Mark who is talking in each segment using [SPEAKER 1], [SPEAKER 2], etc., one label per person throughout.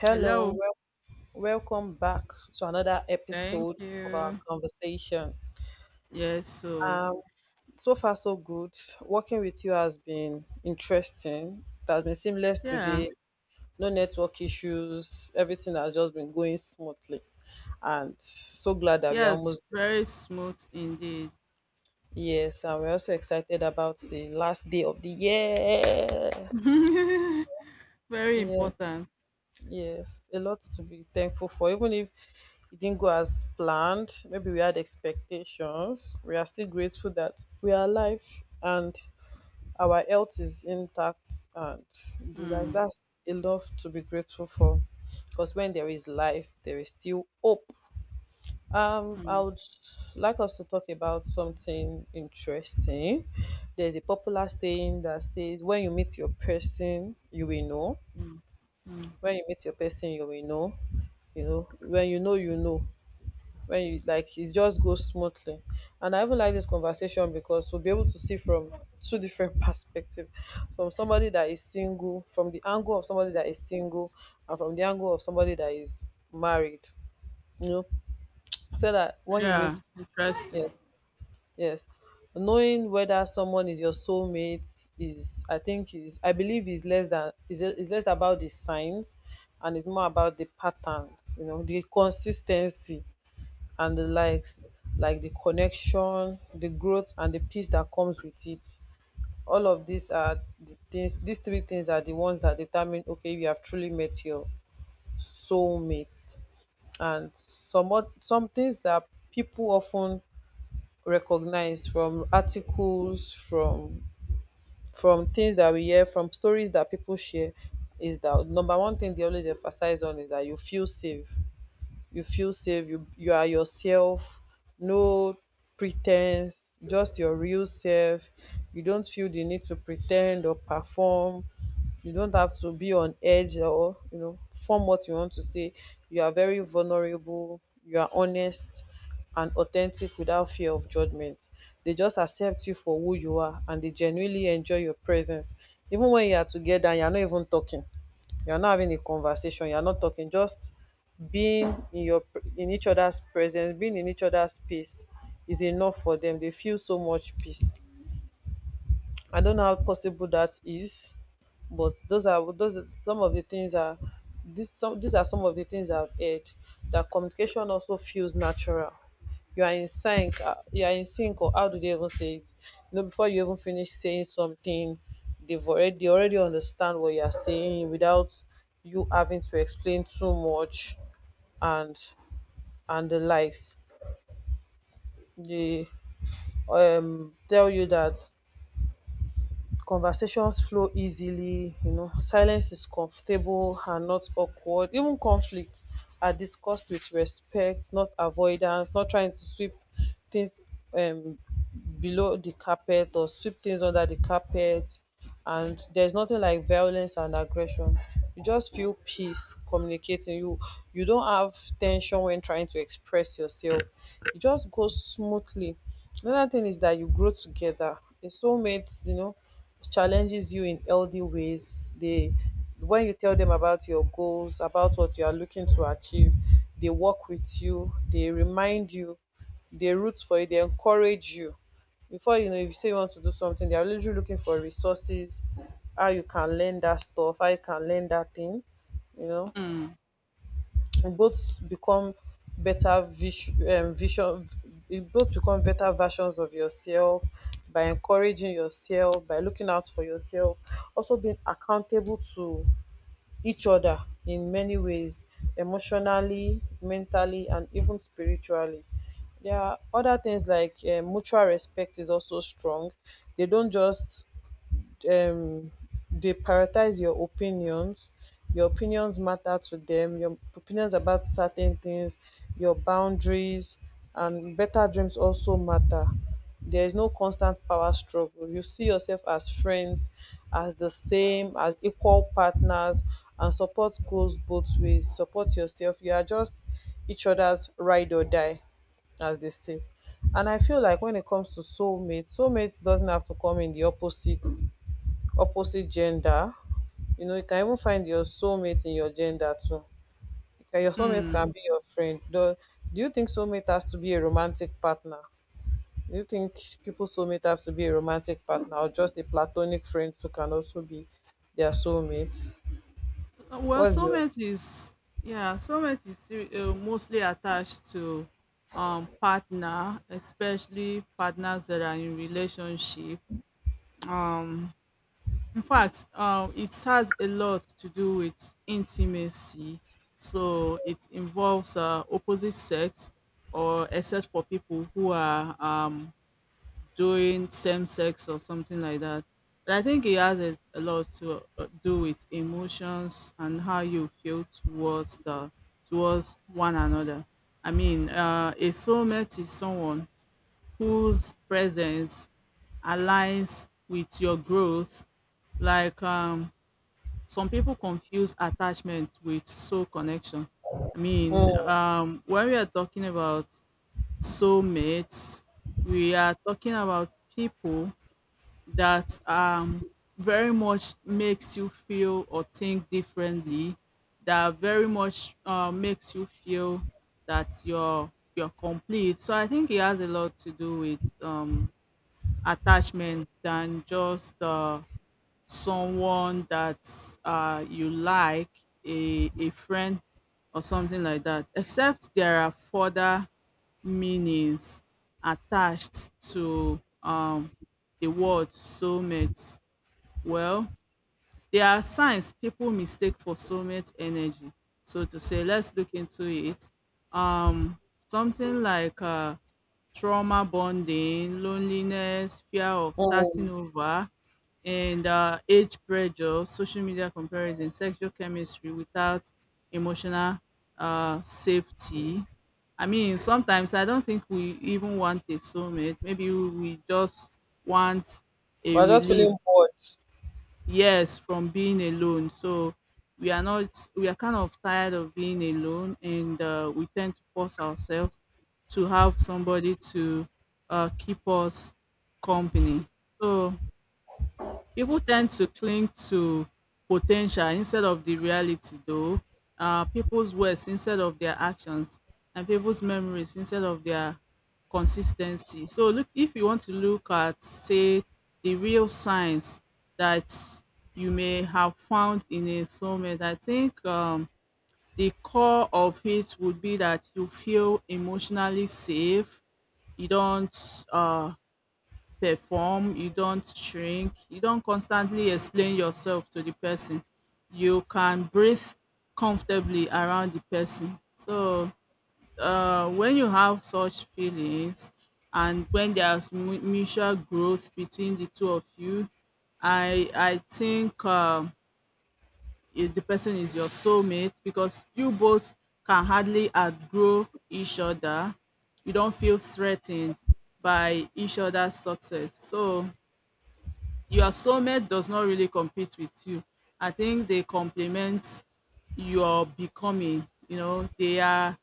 [SPEAKER 1] Hello,
[SPEAKER 2] Hello.
[SPEAKER 1] welcome back to another
[SPEAKER 2] Thank
[SPEAKER 1] episode of our
[SPEAKER 2] you.
[SPEAKER 1] conversation.
[SPEAKER 2] Yes. So,
[SPEAKER 1] Um, so far, so good. Working with you has been interesting. It has been seamless
[SPEAKER 2] yeah.
[SPEAKER 1] today. No network issues. Everything has just been going smoothly. And so glad that we are
[SPEAKER 2] Yes.
[SPEAKER 1] almost
[SPEAKER 2] Very smooth indeed.
[SPEAKER 1] there. Yes, and we're also excited about the last day of the year.
[SPEAKER 2] Very
[SPEAKER 1] Yeah.
[SPEAKER 2] important.
[SPEAKER 1] Yes, a lot to be thankful for. Even if it didn't go as planned, maybe we had expectations, we are still grateful that we are alive and our health is intact. And the like,
[SPEAKER 2] Mm,
[SPEAKER 1] that's enough to be grateful for. Because when there is life, there is still hope. I
[SPEAKER 2] mm,
[SPEAKER 1] would like us to talk about something interesting. There's a popular saying that says, "When you meet your person, you will know."
[SPEAKER 2] mm, mm.
[SPEAKER 1] When you meet your person, you will know. You know when you know you know. When you like it just goes smoothly, and I even like this conversation because we'll be able to see from two different perspective, from somebody that is single, from the angle of somebody that is single, and from the angle of somebody that is married, you know. So that when you meet,
[SPEAKER 2] Yeah. Interesting.
[SPEAKER 1] yeah. Yes. Knowing whether someone is your soulmate is, I think is, I believe is less than is less about the signs, and it's more about the patterns, you know, the consistency and the likes, like the connection, the growth and the peace that comes with it. All of these are the things, these three things are the ones that determine, okay, you have truly met your soulmate. And some things that people often recognized from articles, from things that we hear, from stories that people share, is that number one thing they always emphasize on is that you feel safe. You feel safe, you are yourself. No pretense, just your real self. You don't feel the need to pretend or perform. You don't have to be on edge or, you know, form what you want to say. You are very vulnerable, you are honest and authentic without fear of judgment. They just accept you for who you are, and they genuinely enjoy your presence. Even when you are together and you are not even talking, you are not having a conversation, you are not talking, just being in your in each other's presence, being in each other's space is enough for them. They feel so much peace. I don't know how possible that is, but those are some of the things are this some these are some of the things I've heard. That communication also feels natural. You are in sync. You are in sync, or how do they even say it? You know, before you even finish saying something, they already understand what you are saying without you having to explain too much and and the likes. They tell you that conversations flow easily, you know, silence is comfortable and not awkward. Even conflict are discussed with respect, not avoidance, not trying to sweep things um below the carpet, or sweep things under the carpet. And there's nothing like violence and aggression. You just feel peace communicating. You don't have tension when trying to express yourself. It just goes smoothly. Another thing is that you grow together. The soulmates, you know, challenges you in healthy ways. They when you tell them about your goals, about what you are looking to achieve, they work with you, they remind you, they root for you, they encourage you. Before you know, if you say you want to do something, they are literally looking for resources, how you can learn that stuff, how you can learn that thing, you know,
[SPEAKER 2] Mm,
[SPEAKER 1] both become vision, you both become better versions of yourself, by encouraging yourself, by looking out for yourself, also being accountable to each other in many ways, emotionally, mentally, and even spiritually. There are other things like, mutual respect is also strong. They don't just um they prioritize your opinions. Your opinions matter to them, your opinions about certain things, your boundaries and better dreams also matter. There is no constant power struggle. You see yourself as friends, as the same, as equal partners, and support goes both ways. Support yourself, you are just each other's ride or die, as they say. And I feel like when it comes to soulmates, soulmates doesn't have to come in the opposite gender. You know, you can even find your soulmate in your gender too. Your soulmate
[SPEAKER 2] mm.
[SPEAKER 1] can be your friend. Do you think soulmate has to be a romantic partner? Do you think people soulmate have to be a romantic partner, or just a platonic friend who can also be their soulmate?
[SPEAKER 2] Well,
[SPEAKER 1] What's your
[SPEAKER 2] soulmate is yeah. Soulmate is mostly attached to partner, especially partners that are in relationship. Um, In fact, it has a lot to do with intimacy. So it involves opposite sex, or except for people who are doing same sex or something like that. But I think it has a lot to do with emotions and how you feel towards one another. I mean, a soulmate is someone whose presence aligns with your growth. Like some people confuse attachment with soul connection. I mean,
[SPEAKER 1] mm,
[SPEAKER 2] when we are talking about soulmates, we are talking about people that very much makes you feel or think differently. That very much makes you feel that you're complete. So I think it has a lot to do with attachments than just someone that you like, a friend or something like that, except there are further meanings attached to the word soulmates. Well, there are signs people mistake for soulmate energy. So to say, let's look into it. Um, something like trauma bonding, loneliness, fear of starting
[SPEAKER 1] mm.
[SPEAKER 2] over, and age pressure, social media comparison, sexual chemistry without emotional safety. I mean, sometimes I don't think we even want a soulmate. Maybe we just want a
[SPEAKER 1] We're just
[SPEAKER 2] relief.
[SPEAKER 1] feeling bored.
[SPEAKER 2] Yes, from being alone. So we are not, we are kind of tired of being alone, and we tend to force ourselves to have somebody to keep us company. So people tend to cling to potential instead of the reality, though. People's words instead of their actions, and people's memories instead of their consistency. So, look, if you want to look at, say, the real signs that you may have found in a soulmate, I think the core of it would be that you feel emotionally safe. You don't uh, perform, you don't shrink, you don't constantly explain yourself to the person. You can breathe comfortably around the person. So, when you have such feelings and when there's mutual growth between the two of you, I think if the person is your soulmate because you both can hardly outgrow each other. You don't feel threatened by each other's success. So your soulmate does not really compete with you. I think they complement your becoming. You know, they are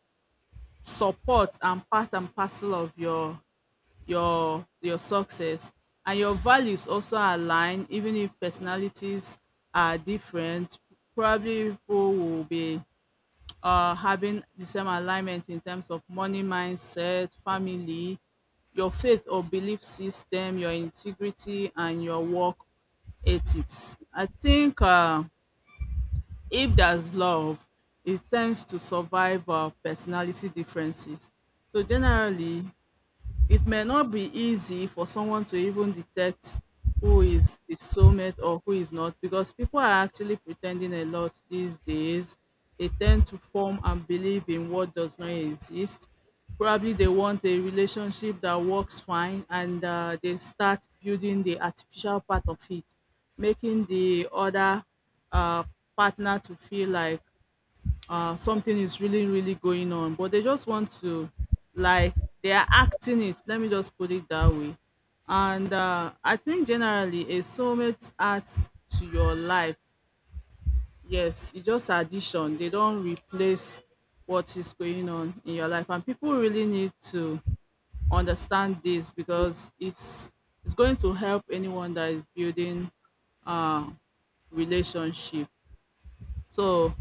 [SPEAKER 2] support and part and parcel of your success. And your values also align, even if personalities are different. Probably people will be having the same alignment in terms of money mindset, family, your faith or belief system, your integrity, and your work ethics. I think if there's love, it tends to survive personality differences. So generally it may not be easy for someone to even detect who is the soulmate or who is not, because people are actually pretending a lot these days. They tend to form and believe in what does not exist. Probably they want a relationship that works fine, and they start building the artificial part of it, making the other uh, partner to feel like something is really, really going on, but they just want to, like, they are acting it. Let me just put it that way. And I think generally a soulmate adds to your life. Yes, it's just addition. They don't replace what is going on in your life, and people really need to understand this because it's going to help anyone that is building uh relationship. So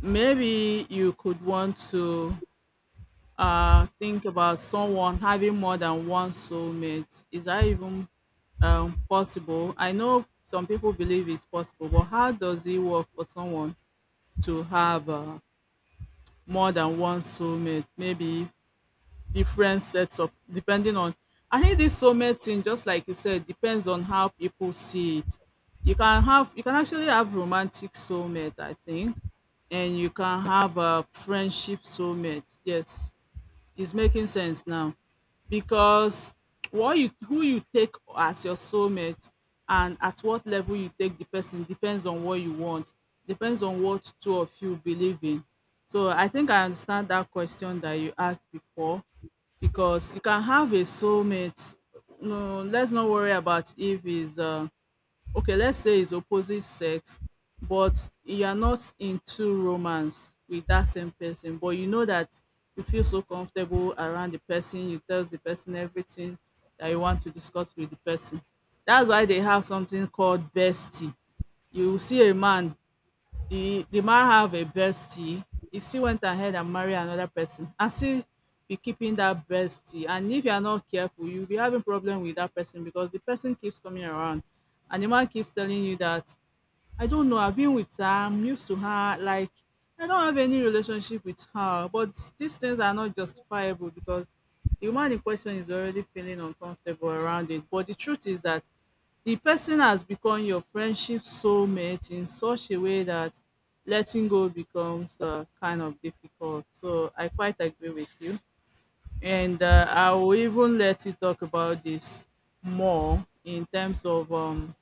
[SPEAKER 2] maybe you could want to think about someone having more than one soulmate. Is that even possible? I know some people believe it's possible, but how does it work for someone to have more than one soulmate? Maybe different sets of depending on. I think this soulmate thing, just like you said, depends on how people see it. You can actually have romantic soulmate, I think, and you can have a friendship soulmate. Yes, it's making sense now, because what you, who you take as your soulmate, and at what level you take the person, depends on what you want, depends on what two of you believe in. So I think I understand that question that you asked before, because you can have a soulmate. No, let's not worry about if he's okay, let's say it's opposite sex, but you are not into romance with that same person, but you know that you feel so comfortable around the person, you tell the person everything that you want to discuss with the person. That's why they have something called bestie. You will see a man. The man have a bestie. He still went ahead and marry another person and still be keeping that bestie. And if you are not careful, you'll be having problem with that person, because the person keeps coming around, and the man keeps telling you that I don't know. I've been with her. I'm used to her. Like, I don't have any relationship with her. But these things are not justifiable, because the woman in question is already feeling uncomfortable around it. But the truth is that the person has become your friendship soulmate in such a way that letting go becomes kind of difficult. So I quite agree with you. And I will even let you talk about this more in terms of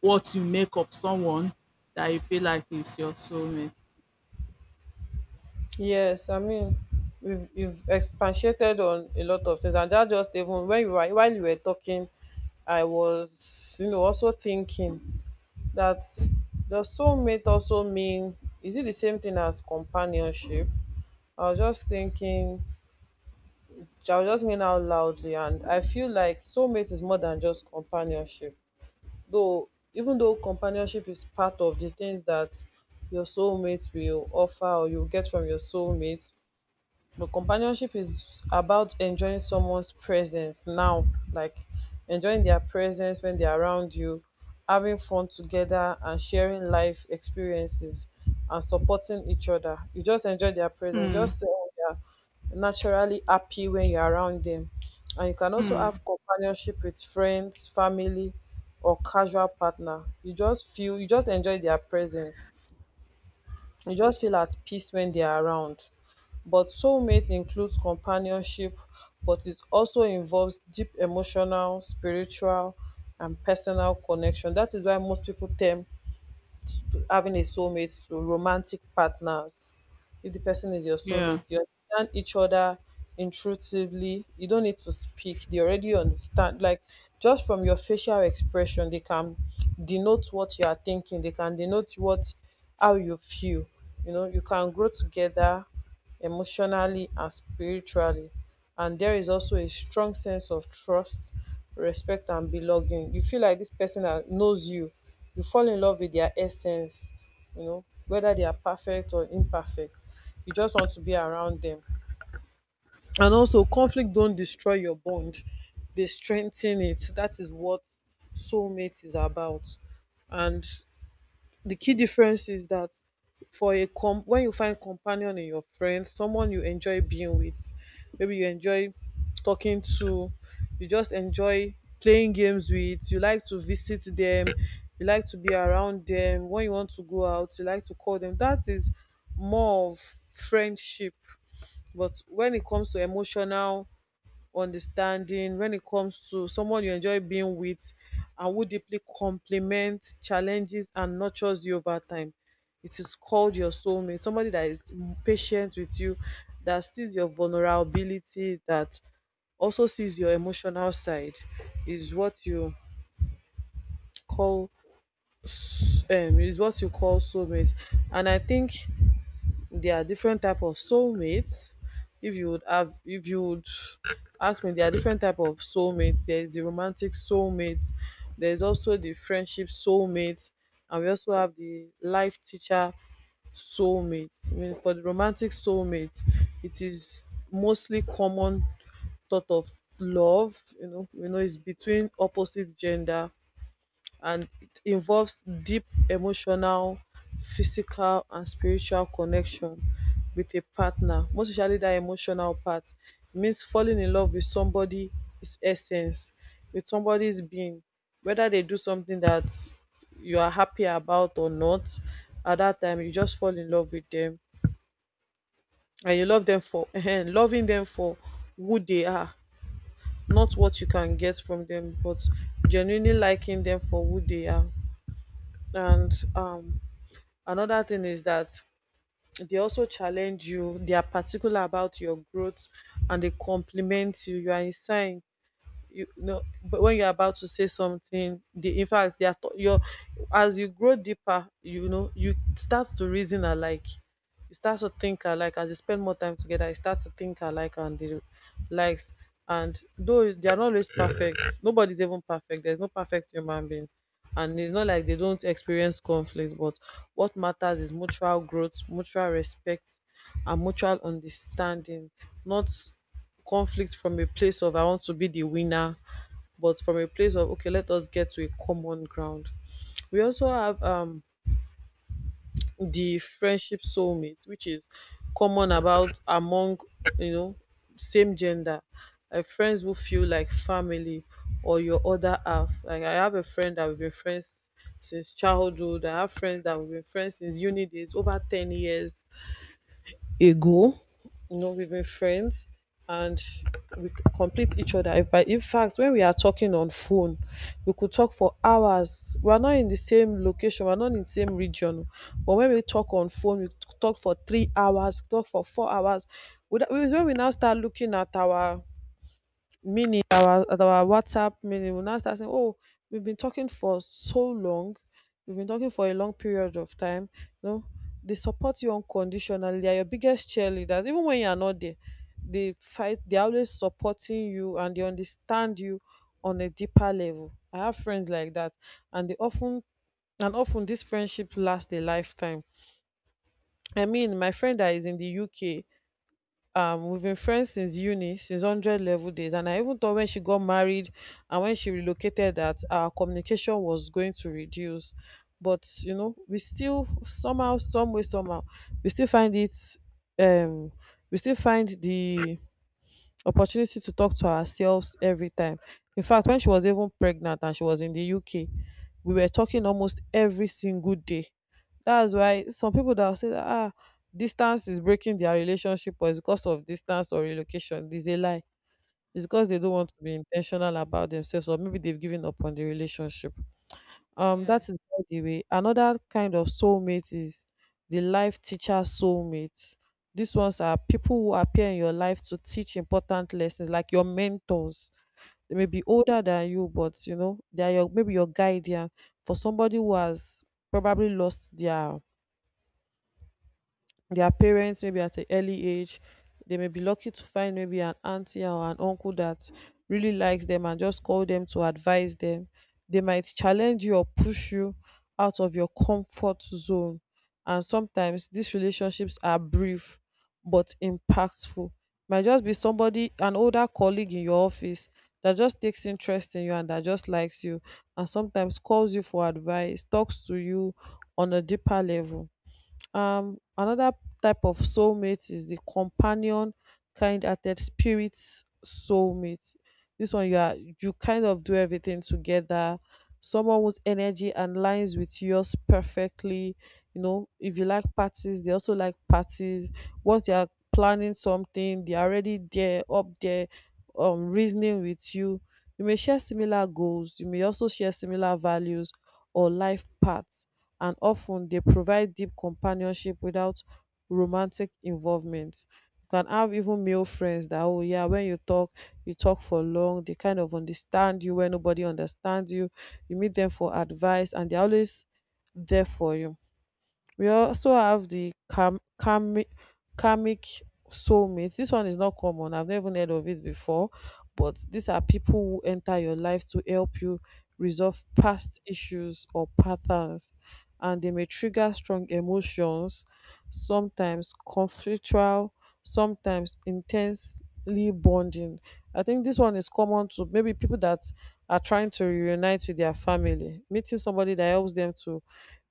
[SPEAKER 2] what you make of someone that you feel like is your soulmate.
[SPEAKER 1] Yes, I mean, we've expatiated on a lot of things, and that, just even when you were while you were talking, I was, you know, also thinking that does soulmate also mean, is it the same thing as companionship? I was just thinking, I was just thinking out loudly, and I feel like soulmate is more than just companionship. Though, even though companionship is part of the things that your soulmate will offer or you get from your soulmate, but companionship is about enjoying someone's presence now, like enjoying their presence when they're around you, having fun together, and sharing life experiences, and supporting each other. You just enjoy their presence.
[SPEAKER 2] Hmm.
[SPEAKER 1] Just say, oh, they're naturally happy when you're around them. And you can also
[SPEAKER 2] Hmm.
[SPEAKER 1] have companionship with friends, family, or casual partner. You just feel, you just enjoy their presence. You just feel at peace when they are around. But soulmate includes companionship, but it also involves deep emotional, spiritual, and personal connection. That is why most people term to having a soulmate to romantic partners. If the person is your
[SPEAKER 2] Yeah.
[SPEAKER 1] soulmate, you understand each other intuitively. You don't need to speak. They already understand. Like just from your facial expression, they can denote what you are thinking. They can denote what how you feel. You know, you can grow together emotionally and spiritually, and there is also a strong sense of trust, respect and belonging. You feel like this person that knows you, you fall in love with their essence. You know, whether they are perfect or imperfect, you just want to be around them. And also conflict don't destroy your bond, they strengthen it. That is what soulmate is about. And the key difference is that, for a com when you find companion in your friend, someone you enjoy being with, maybe you enjoy talking to, you just enjoy playing games with, you like to visit them, you like to be around them, when you want to go out, you like to call them. That is more of friendship. But when it comes to emotional understanding, when it comes to someone you enjoy being with and who deeply complements, challenges, and nurtures you over time, it is called your soulmate. Somebody that is patient with you, that sees your vulnerability, that also sees your emotional side, is what you call is what you call soulmate. And I think there are different type of soulmates. If you would have, if you would ask me, there are different type of soulmates. There is the romantic soulmate. There is also the friendship soulmate, and we also have the life teacher soulmate. I mean, for the romantic soulmate, it is mostly common thought of love. You know, it's between opposite gender, and it involves deep emotional, physical, and spiritual connection with a partner. Most especially that emotional part, it means falling in love with somebody, his essence, with somebody's being, whether they do something that you are happy about or not. At that time, you just fall in love with them, and you love them for loving them for who they are, not what you can get from them, but genuinely liking them for who they are. And Another thing is that they also challenge you. They are particular about your growth, and they compliment you. You are in sign. You know, but when you're about to say something, they in fact they are t- your as you grow deeper, you know, you start to reason alike, you start to think alike. As you spend more time together, you start to think alike and the likes. And though they are not always perfect, nobody's even perfect, there's no perfect human being, and it's not like they don't experience conflict, but what matters is mutual growth, mutual respect, and mutual understanding. Not conflict from a place of I want to be the winner, but from a place of okay, let us get to a common ground. We also have the friendship soulmates, which is common about among, you know, same gender, like friends who feel like family or your other half. Like I have a friend that we've been friends since childhood. I have friends that we've been friends since uni days, over 10 years ago, you know, we've been friends and complete each other. If by in fact, when we are talking on phone, we could talk for hours. We are not in the same location, we're not in the same region. But when we talk on phone, we talk for 3 hours, talk for 4 hours. When we now start looking at our, meaning our at our WhatsApp, meaning we'll now start saying, oh, we've been talking for so long, we've been talking for a long period of time. No, they support you unconditionally, they are your biggest cheerleaders, even when you are not there. They fight, they're always supporting you and they understand you on a deeper level. I have friends like that, and they often and often this friendship lasts a lifetime. I mean, my friend that is in the UK, we've been friends since uni, since 100 level days, and I even thought when she got married and when she relocated that our communication was going to reduce. But you know, we still somehow, some way, somehow, we still find it, um we still find the opportunity to talk to ourselves every time. In fact, when she was even pregnant and she was in the UK, we were talking almost every single day. That's why some people that will say that ah, distance is breaking their relationship, or it's because of distance or relocation is a lie. It's because they don't want to be intentional about themselves, or maybe they've given up on the relationship.
[SPEAKER 2] Yeah.
[SPEAKER 1] That is by the way. Another kind of soulmate is the life teacher soulmate. These ones are people who appear in your life to teach important lessons, like your mentors. They may be older than you, but you know, they are your, maybe your guardian. For somebody who has probably lost their parents maybe at an early age, they may be lucky to find maybe an auntie or an uncle that really likes them and just call them to advise them. They might challenge you or push you out of your comfort zone, and sometimes these relationships are brief but impactful. Might just be somebody, an older colleague in your office, that just takes interest in you and that just likes you, and sometimes calls you for advice, talks to you on a deeper level. Another type of soulmate is the companion, kind-hearted spirit soulmate. This one, you are, you kind of do everything together. Someone whose energy and aligns with yours perfectly. You know, if you like parties, they also like parties. Once they are planning something, they are already there, up there, reasoning with you. You may share similar goals. You may also share similar values or life paths, and often they provide deep companionship without romantic involvement. You can have even male friends that, oh yeah, when you talk for long, they kind of understand you when nobody understands you. You meet them for advice and they're always there for you. We also have the karmic soulmates. This one is not common. I've never heard of it before. But these are people who enter your life to help you resolve past issues or patterns. And they may trigger strong emotions, sometimes conflictual, sometimes intensely bonding. I think this one is common to maybe people that are trying to reunite with their family, meeting somebody that helps them to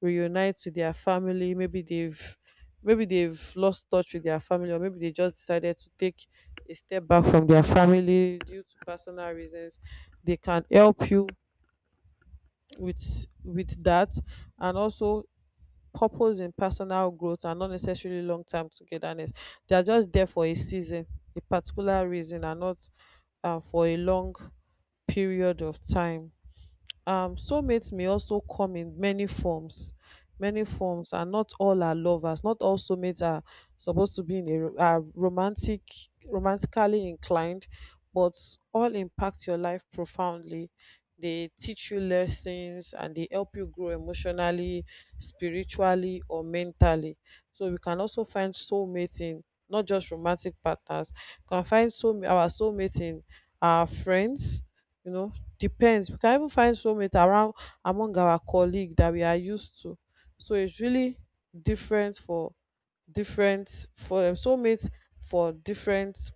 [SPEAKER 1] reunite with their family. Maybe they've, maybe they've lost touch with their family, or maybe they just decided to take a step back from their family due to personal reasons. They can help you with that. And also purpose in personal growth and not necessarily long-term togetherness. They are just there for a season, a particular reason, and not for a long period of time. Soulmates may also come in many forms, many forms, and not all are lovers, not all soulmates are supposed to be in a ro- are romantic, romantically inclined. But all impact your life profoundly. They teach you lessons and they help you grow emotionally, spiritually, or mentally. So we can also find soulmates in not just romantic partners. We can find soul our soulmates in our friends, you know, depends. We can even find soulmate around, among our colleague that we are used to. So it's really different for, different for soulmates, for different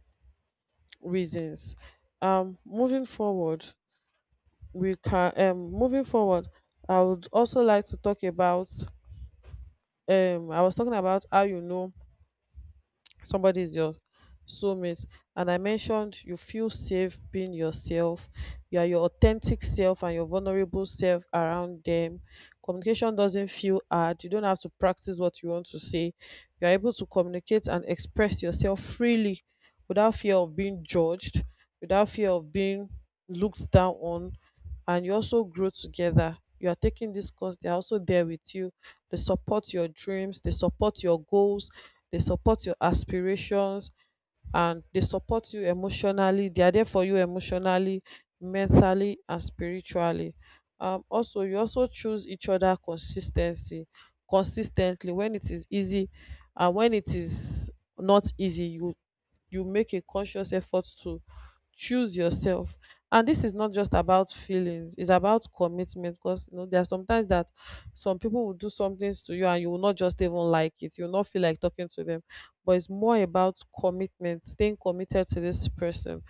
[SPEAKER 1] reasons. Moving forward, we can moving forward. I would also like to talk about I was talking about how, you know, somebody is your soulmate, and I mentioned you feel safe being yourself. You are your authentic self and your vulnerable self around them. Communication doesn't feel hard, you don't have to practice what you want to say. You are able to communicate and express yourself freely without fear of being judged, without fear of being looked down on. And you also grow together. You are taking this course, they are also there with you. They support your dreams, they support your goals, they support your aspirations, and they support you emotionally. They are there for you emotionally, mentally, and spiritually. Also, you also choose each other consistency consistently when it is easy and when it is not easy. You make a conscious effort to choose yourself, and this is not just about feelings, it's about commitment. Because you know there are sometimes that some people will do some things to you and you will not just even like it, you'll not feel like talking to them. But it's more about commitment, staying committed to this person,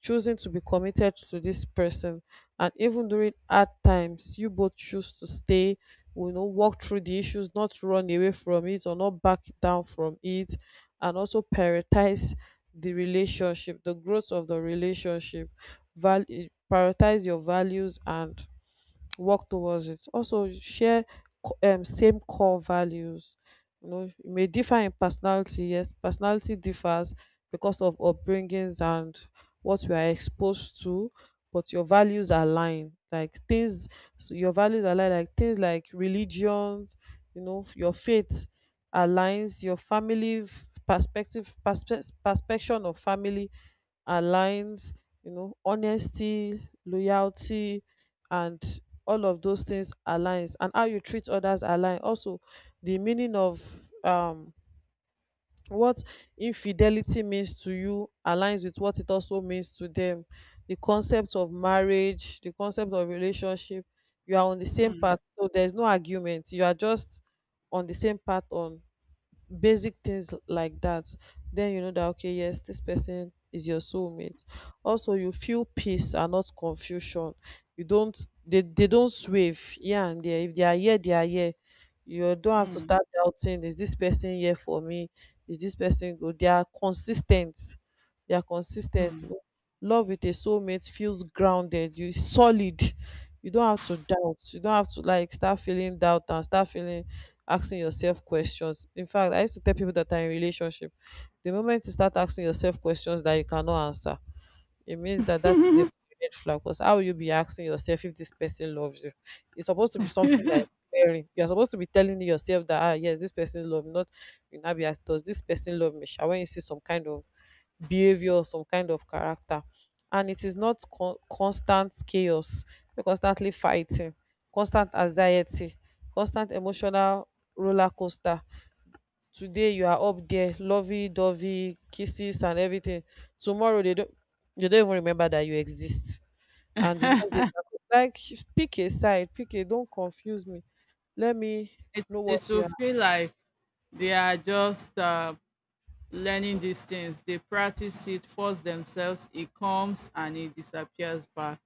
[SPEAKER 1] choosing to be committed to this person. And even during hard times, you both choose to stay, you know, walk through the issues, not run away from it or not back down from it. And also prioritize the relationship, the growth of the relationship. Value, prioritize your values and work towards it. Also share same core values. You know, it may differ in personality, yes, personality differs because of upbringings and what we are exposed to, but your values align, like things. So your values align, like things like religion, you know, your faith aligns, your family, perspective, perspection of family aligns, you know, honesty, loyalty, and all of those things aligns, and how you treat others align. Also the meaning of what infidelity means to you aligns with what it also means to them. The concept of marriage, the concept of relationship, you are on the same path, so there's no argument, you are just on the same path on basic things like that. Then you know that okay, yes, this person is your soulmate. Also, you feel peace and not confusion. You don't, they don't swave here and there. If they are here, they are here. You don't have to start doubting, is this person here for me, is this person good? They are consistent, they are consistent, you know. Love with a soulmate feels grounded, you solid. You don't have to doubt, you don't have to like start feeling doubt and start feeling asking yourself questions. In fact, I used to tell people that are in relationship, the moment you start asking yourself questions that you cannot answer, it means that that is a red flag. Because how will you be asking yourself if this person loves you? It's supposed to be something that is clearing. You're supposed to be telling yourself that ah yes, this person love me. Not you now be asked, does this person love me? Shall when you see some kind of behavior or some kind of character, and it is not constant chaos, constantly fighting, constant anxiety, constant emotional roller coaster. Today you are up there, lovey-dovey, kisses and everything. Tomorrow they don't, they don't even remember that you exist. And the next day they're like, pick a side, pick a, don't confuse me, let me
[SPEAKER 2] It
[SPEAKER 1] know
[SPEAKER 2] it
[SPEAKER 1] what you
[SPEAKER 2] will
[SPEAKER 1] are.
[SPEAKER 2] feel like they are just learning these things. They practice it, force themselves. It comes and it disappears back.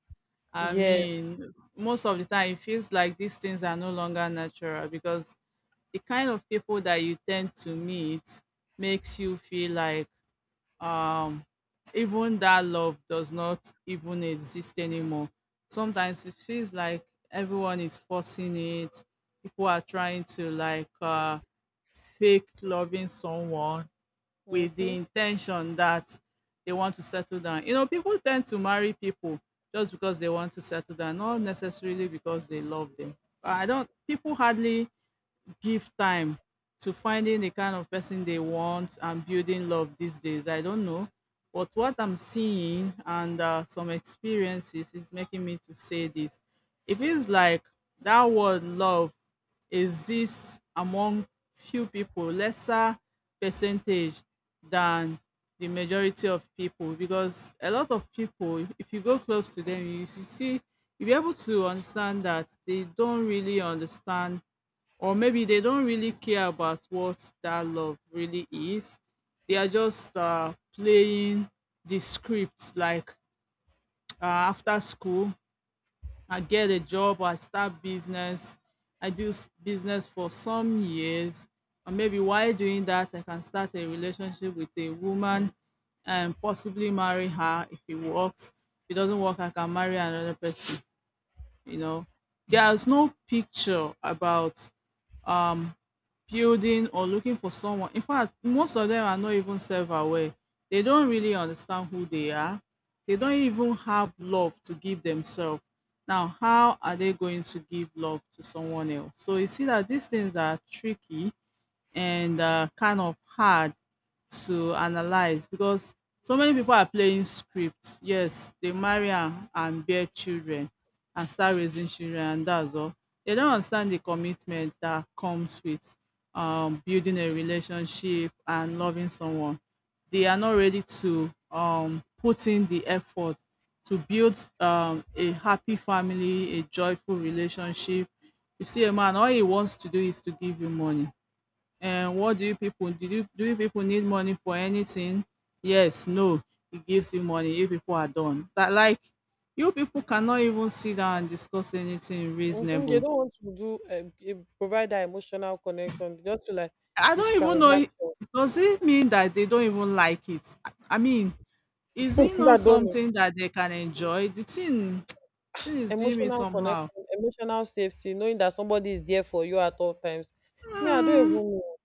[SPEAKER 2] I
[SPEAKER 1] Yes.
[SPEAKER 2] mean, most of the time, it feels like these things are no longer natural, because the kind of people that you tend to meet makes you feel like um even that love does not even exist anymore. Sometimes it feels like everyone is forcing it. People are trying to like fake loving someone with
[SPEAKER 1] Mm-hmm.
[SPEAKER 2] the intention that they want to settle down. You know, people tend to marry people just because they want to settle down, not necessarily because they love them. I don't, people hardly give time to finding the kind of person they want and building love these days. I don't know. But what I'm seeing and some experiences is making me to say this. It feels like that word love exists among few people, lesser percentage than the majority of people. Because a lot of people, if you go close to them, you see, you'll be able to understand that they don't really understand, or maybe they don't really care about what that love really is. They are just playing the script like after school, I get a job, I start business, I do business for some years, and maybe while doing that, I can start a relationship with a woman and possibly marry her if it works. If it doesn't work, I can marry another person, you know. There's no picture about um building or looking for someone. In fact, most of them are not even self aware. They don't really understand who they are. They don't even have love to give themselves. Now, how are they going to give love to someone else? So you see that these things are tricky and kind of hard to analyze, because so many people are playing scripts. Yes, they marry and bear children and start raising children, and that's all. They don't understand the commitment that comes with building a relationship and loving someone. They are not ready to put in the effort to build a happy family, a joyful relationship. You see a man, all he wants to do is to give you money, and what do you people do you people need money for anything? Yes, no. He gives you money. You people are done. That like, you people cannot even sit down and discuss anything
[SPEAKER 1] Mm-hmm. They
[SPEAKER 2] reasonable.
[SPEAKER 1] don't want to do provide that emotional connection, they just feel like
[SPEAKER 2] I
[SPEAKER 1] it's
[SPEAKER 2] don't even know,
[SPEAKER 1] transaction.
[SPEAKER 2] does it mean that they don't even like it? I mean, is it not
[SPEAKER 1] I don't know.
[SPEAKER 2] something that they can enjoy? The thing, thing is doing me
[SPEAKER 1] Emotional
[SPEAKER 2] somehow.
[SPEAKER 1] connection, emotional safety, knowing that somebody is there for you at all times. Me, I don't even
[SPEAKER 2] Hmm.
[SPEAKER 1] know,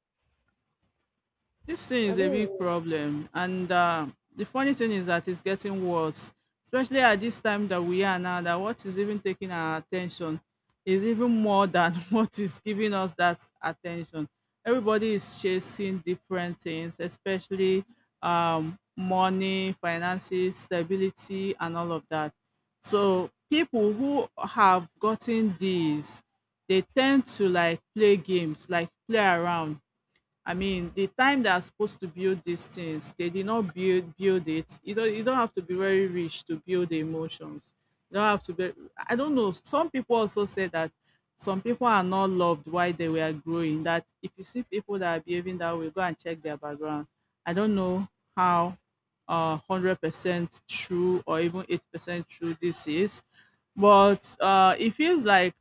[SPEAKER 2] This thing
[SPEAKER 1] I
[SPEAKER 2] is
[SPEAKER 1] don't
[SPEAKER 2] a big
[SPEAKER 1] even
[SPEAKER 2] problem, and the funny thing is that it's getting worse, especially at this time that we are now. That what is even taking our attention is even more than what is giving us that attention. Everybody is chasing different things, especially money, finances, stability, and all of that. So people who have gotten these, they tend to like play games, like play around. I mean, the time they are supposed to build these things, they did not build it. You don't have to be very rich to build the emotions. You don't have to be. I don't know. Some people also say that some people are not loved while they were growing. That if you see people that are behaving that way, go and check their background. I don't know how 100% true or even 8% true this is, but it feels like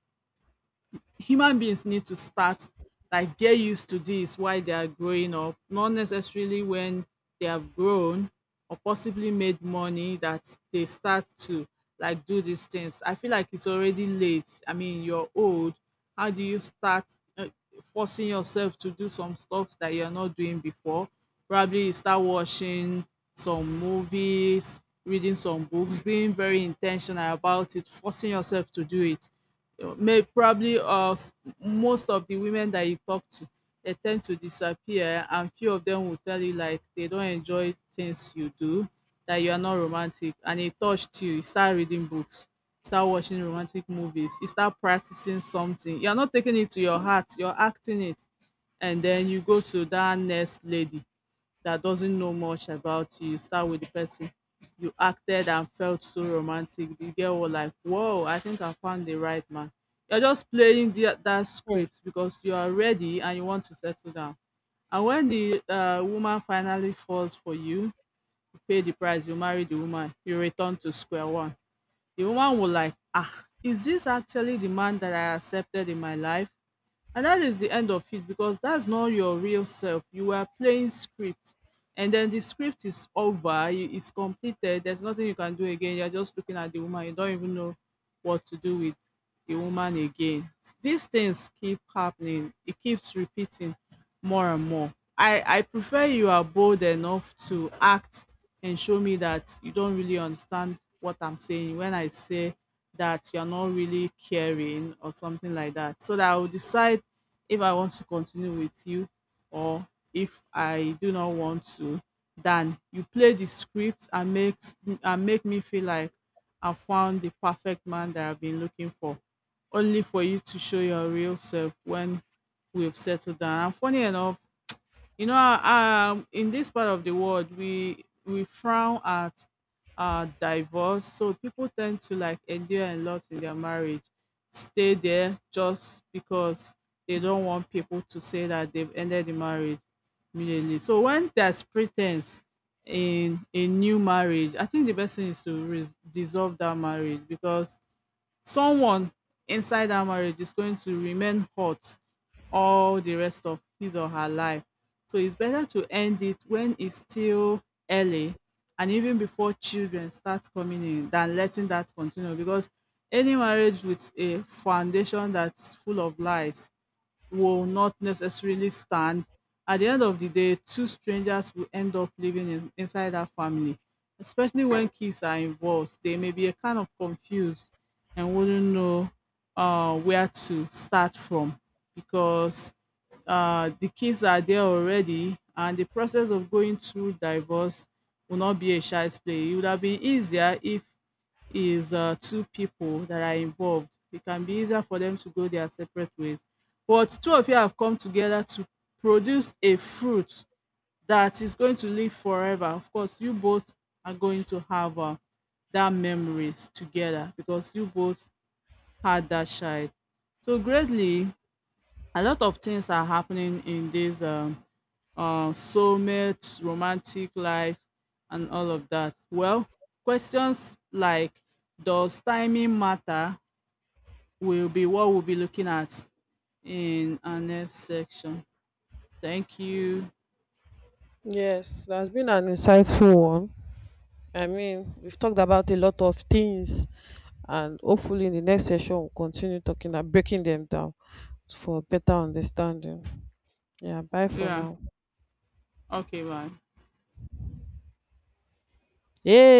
[SPEAKER 2] human beings need to start like get used to this while they are growing up, not necessarily when they have grown or possibly made money that they start to like do these things. I feel like it's already late. I mean, you're old. How do you start uh, forcing yourself to do some stuff that you're not doing before? Probably you start watching some movies, reading some books, being very intentional about it, forcing yourself to do it may probably of most of the women that you talk to, they tend to disappear and few of them will tell you like they don't enjoy things you do, that you are not romantic and it touched you. You start reading books, start watching romantic movies, you start practicing something. You're not taking it to your heart, you're acting it. And then you go to that next lady that doesn't know much about you. You start with the person you acted and felt so romantic. The girl was like, whoa, I think I found the right man. You're just playing the, that
[SPEAKER 1] know.
[SPEAKER 2] script because you are ready and you want to settle down. And when the woman finally falls for you, you pay the price, you marry the woman, you return to square one. The woman will like, ah, is this actually the man that I accepted in my life? And that is the end of it because that's not your real self. You are playing script, and then the script is over, it's completed. There's nothing you can do again. You're just looking at the woman, you don't even know what to do with a woman again. These things keep happening. It keeps repeating more and more. I prefer you are bold enough to act and show me that you don't really understand what I'm saying when I say that you're not really caring or something like that. So that I will decide if I want to continue with you or if I do not want to. Then you play the script and make me feel like I found the perfect man that I've been looking for only for you to show your real self when we've settled down. And funny enough, you know, in this part of the world, we frown at divorce, so people tend to like endure a lot in their marriage, stay there just because they don't want people to say that they've ended the marriage immediately. So when there's pretense in a new marriage, I think the best thing is to dissolve that marriage because someone inside that marriage is going to remain hot all the rest of his or her life. So it's better to end it when it's still early and even before children start coming in than letting that continue because any marriage with a foundation that's full of lies will not necessarily stand. At the end of the day, two strangers will end up living inside that family, especially when kids are involved. They may be a kind of confused and wouldn't know where to start from because the kids are there already, and the process of going through divorce will not be a child's play. It would have been easier if is two people that are involved. It can be easier for them to go their separate ways. But two of you have come together to produce a fruit that is going to live forever. Of course, you both are going to have that memories together because you both had that child. So, greatly, a lot of things are happening in this soulmate, romantic life, and all of that. Well, questions like does timing matter will be what we'll be looking at in our next section. Thank you.
[SPEAKER 1] Yes, that's been an insightful one. I mean, we've talked about a lot of things, and hopefully, in the next session, we'll continue talking and breaking them down for better understanding. Yeah, bye for
[SPEAKER 2] Yeah.
[SPEAKER 1] now.
[SPEAKER 2] Okay, bye.
[SPEAKER 1] Yay!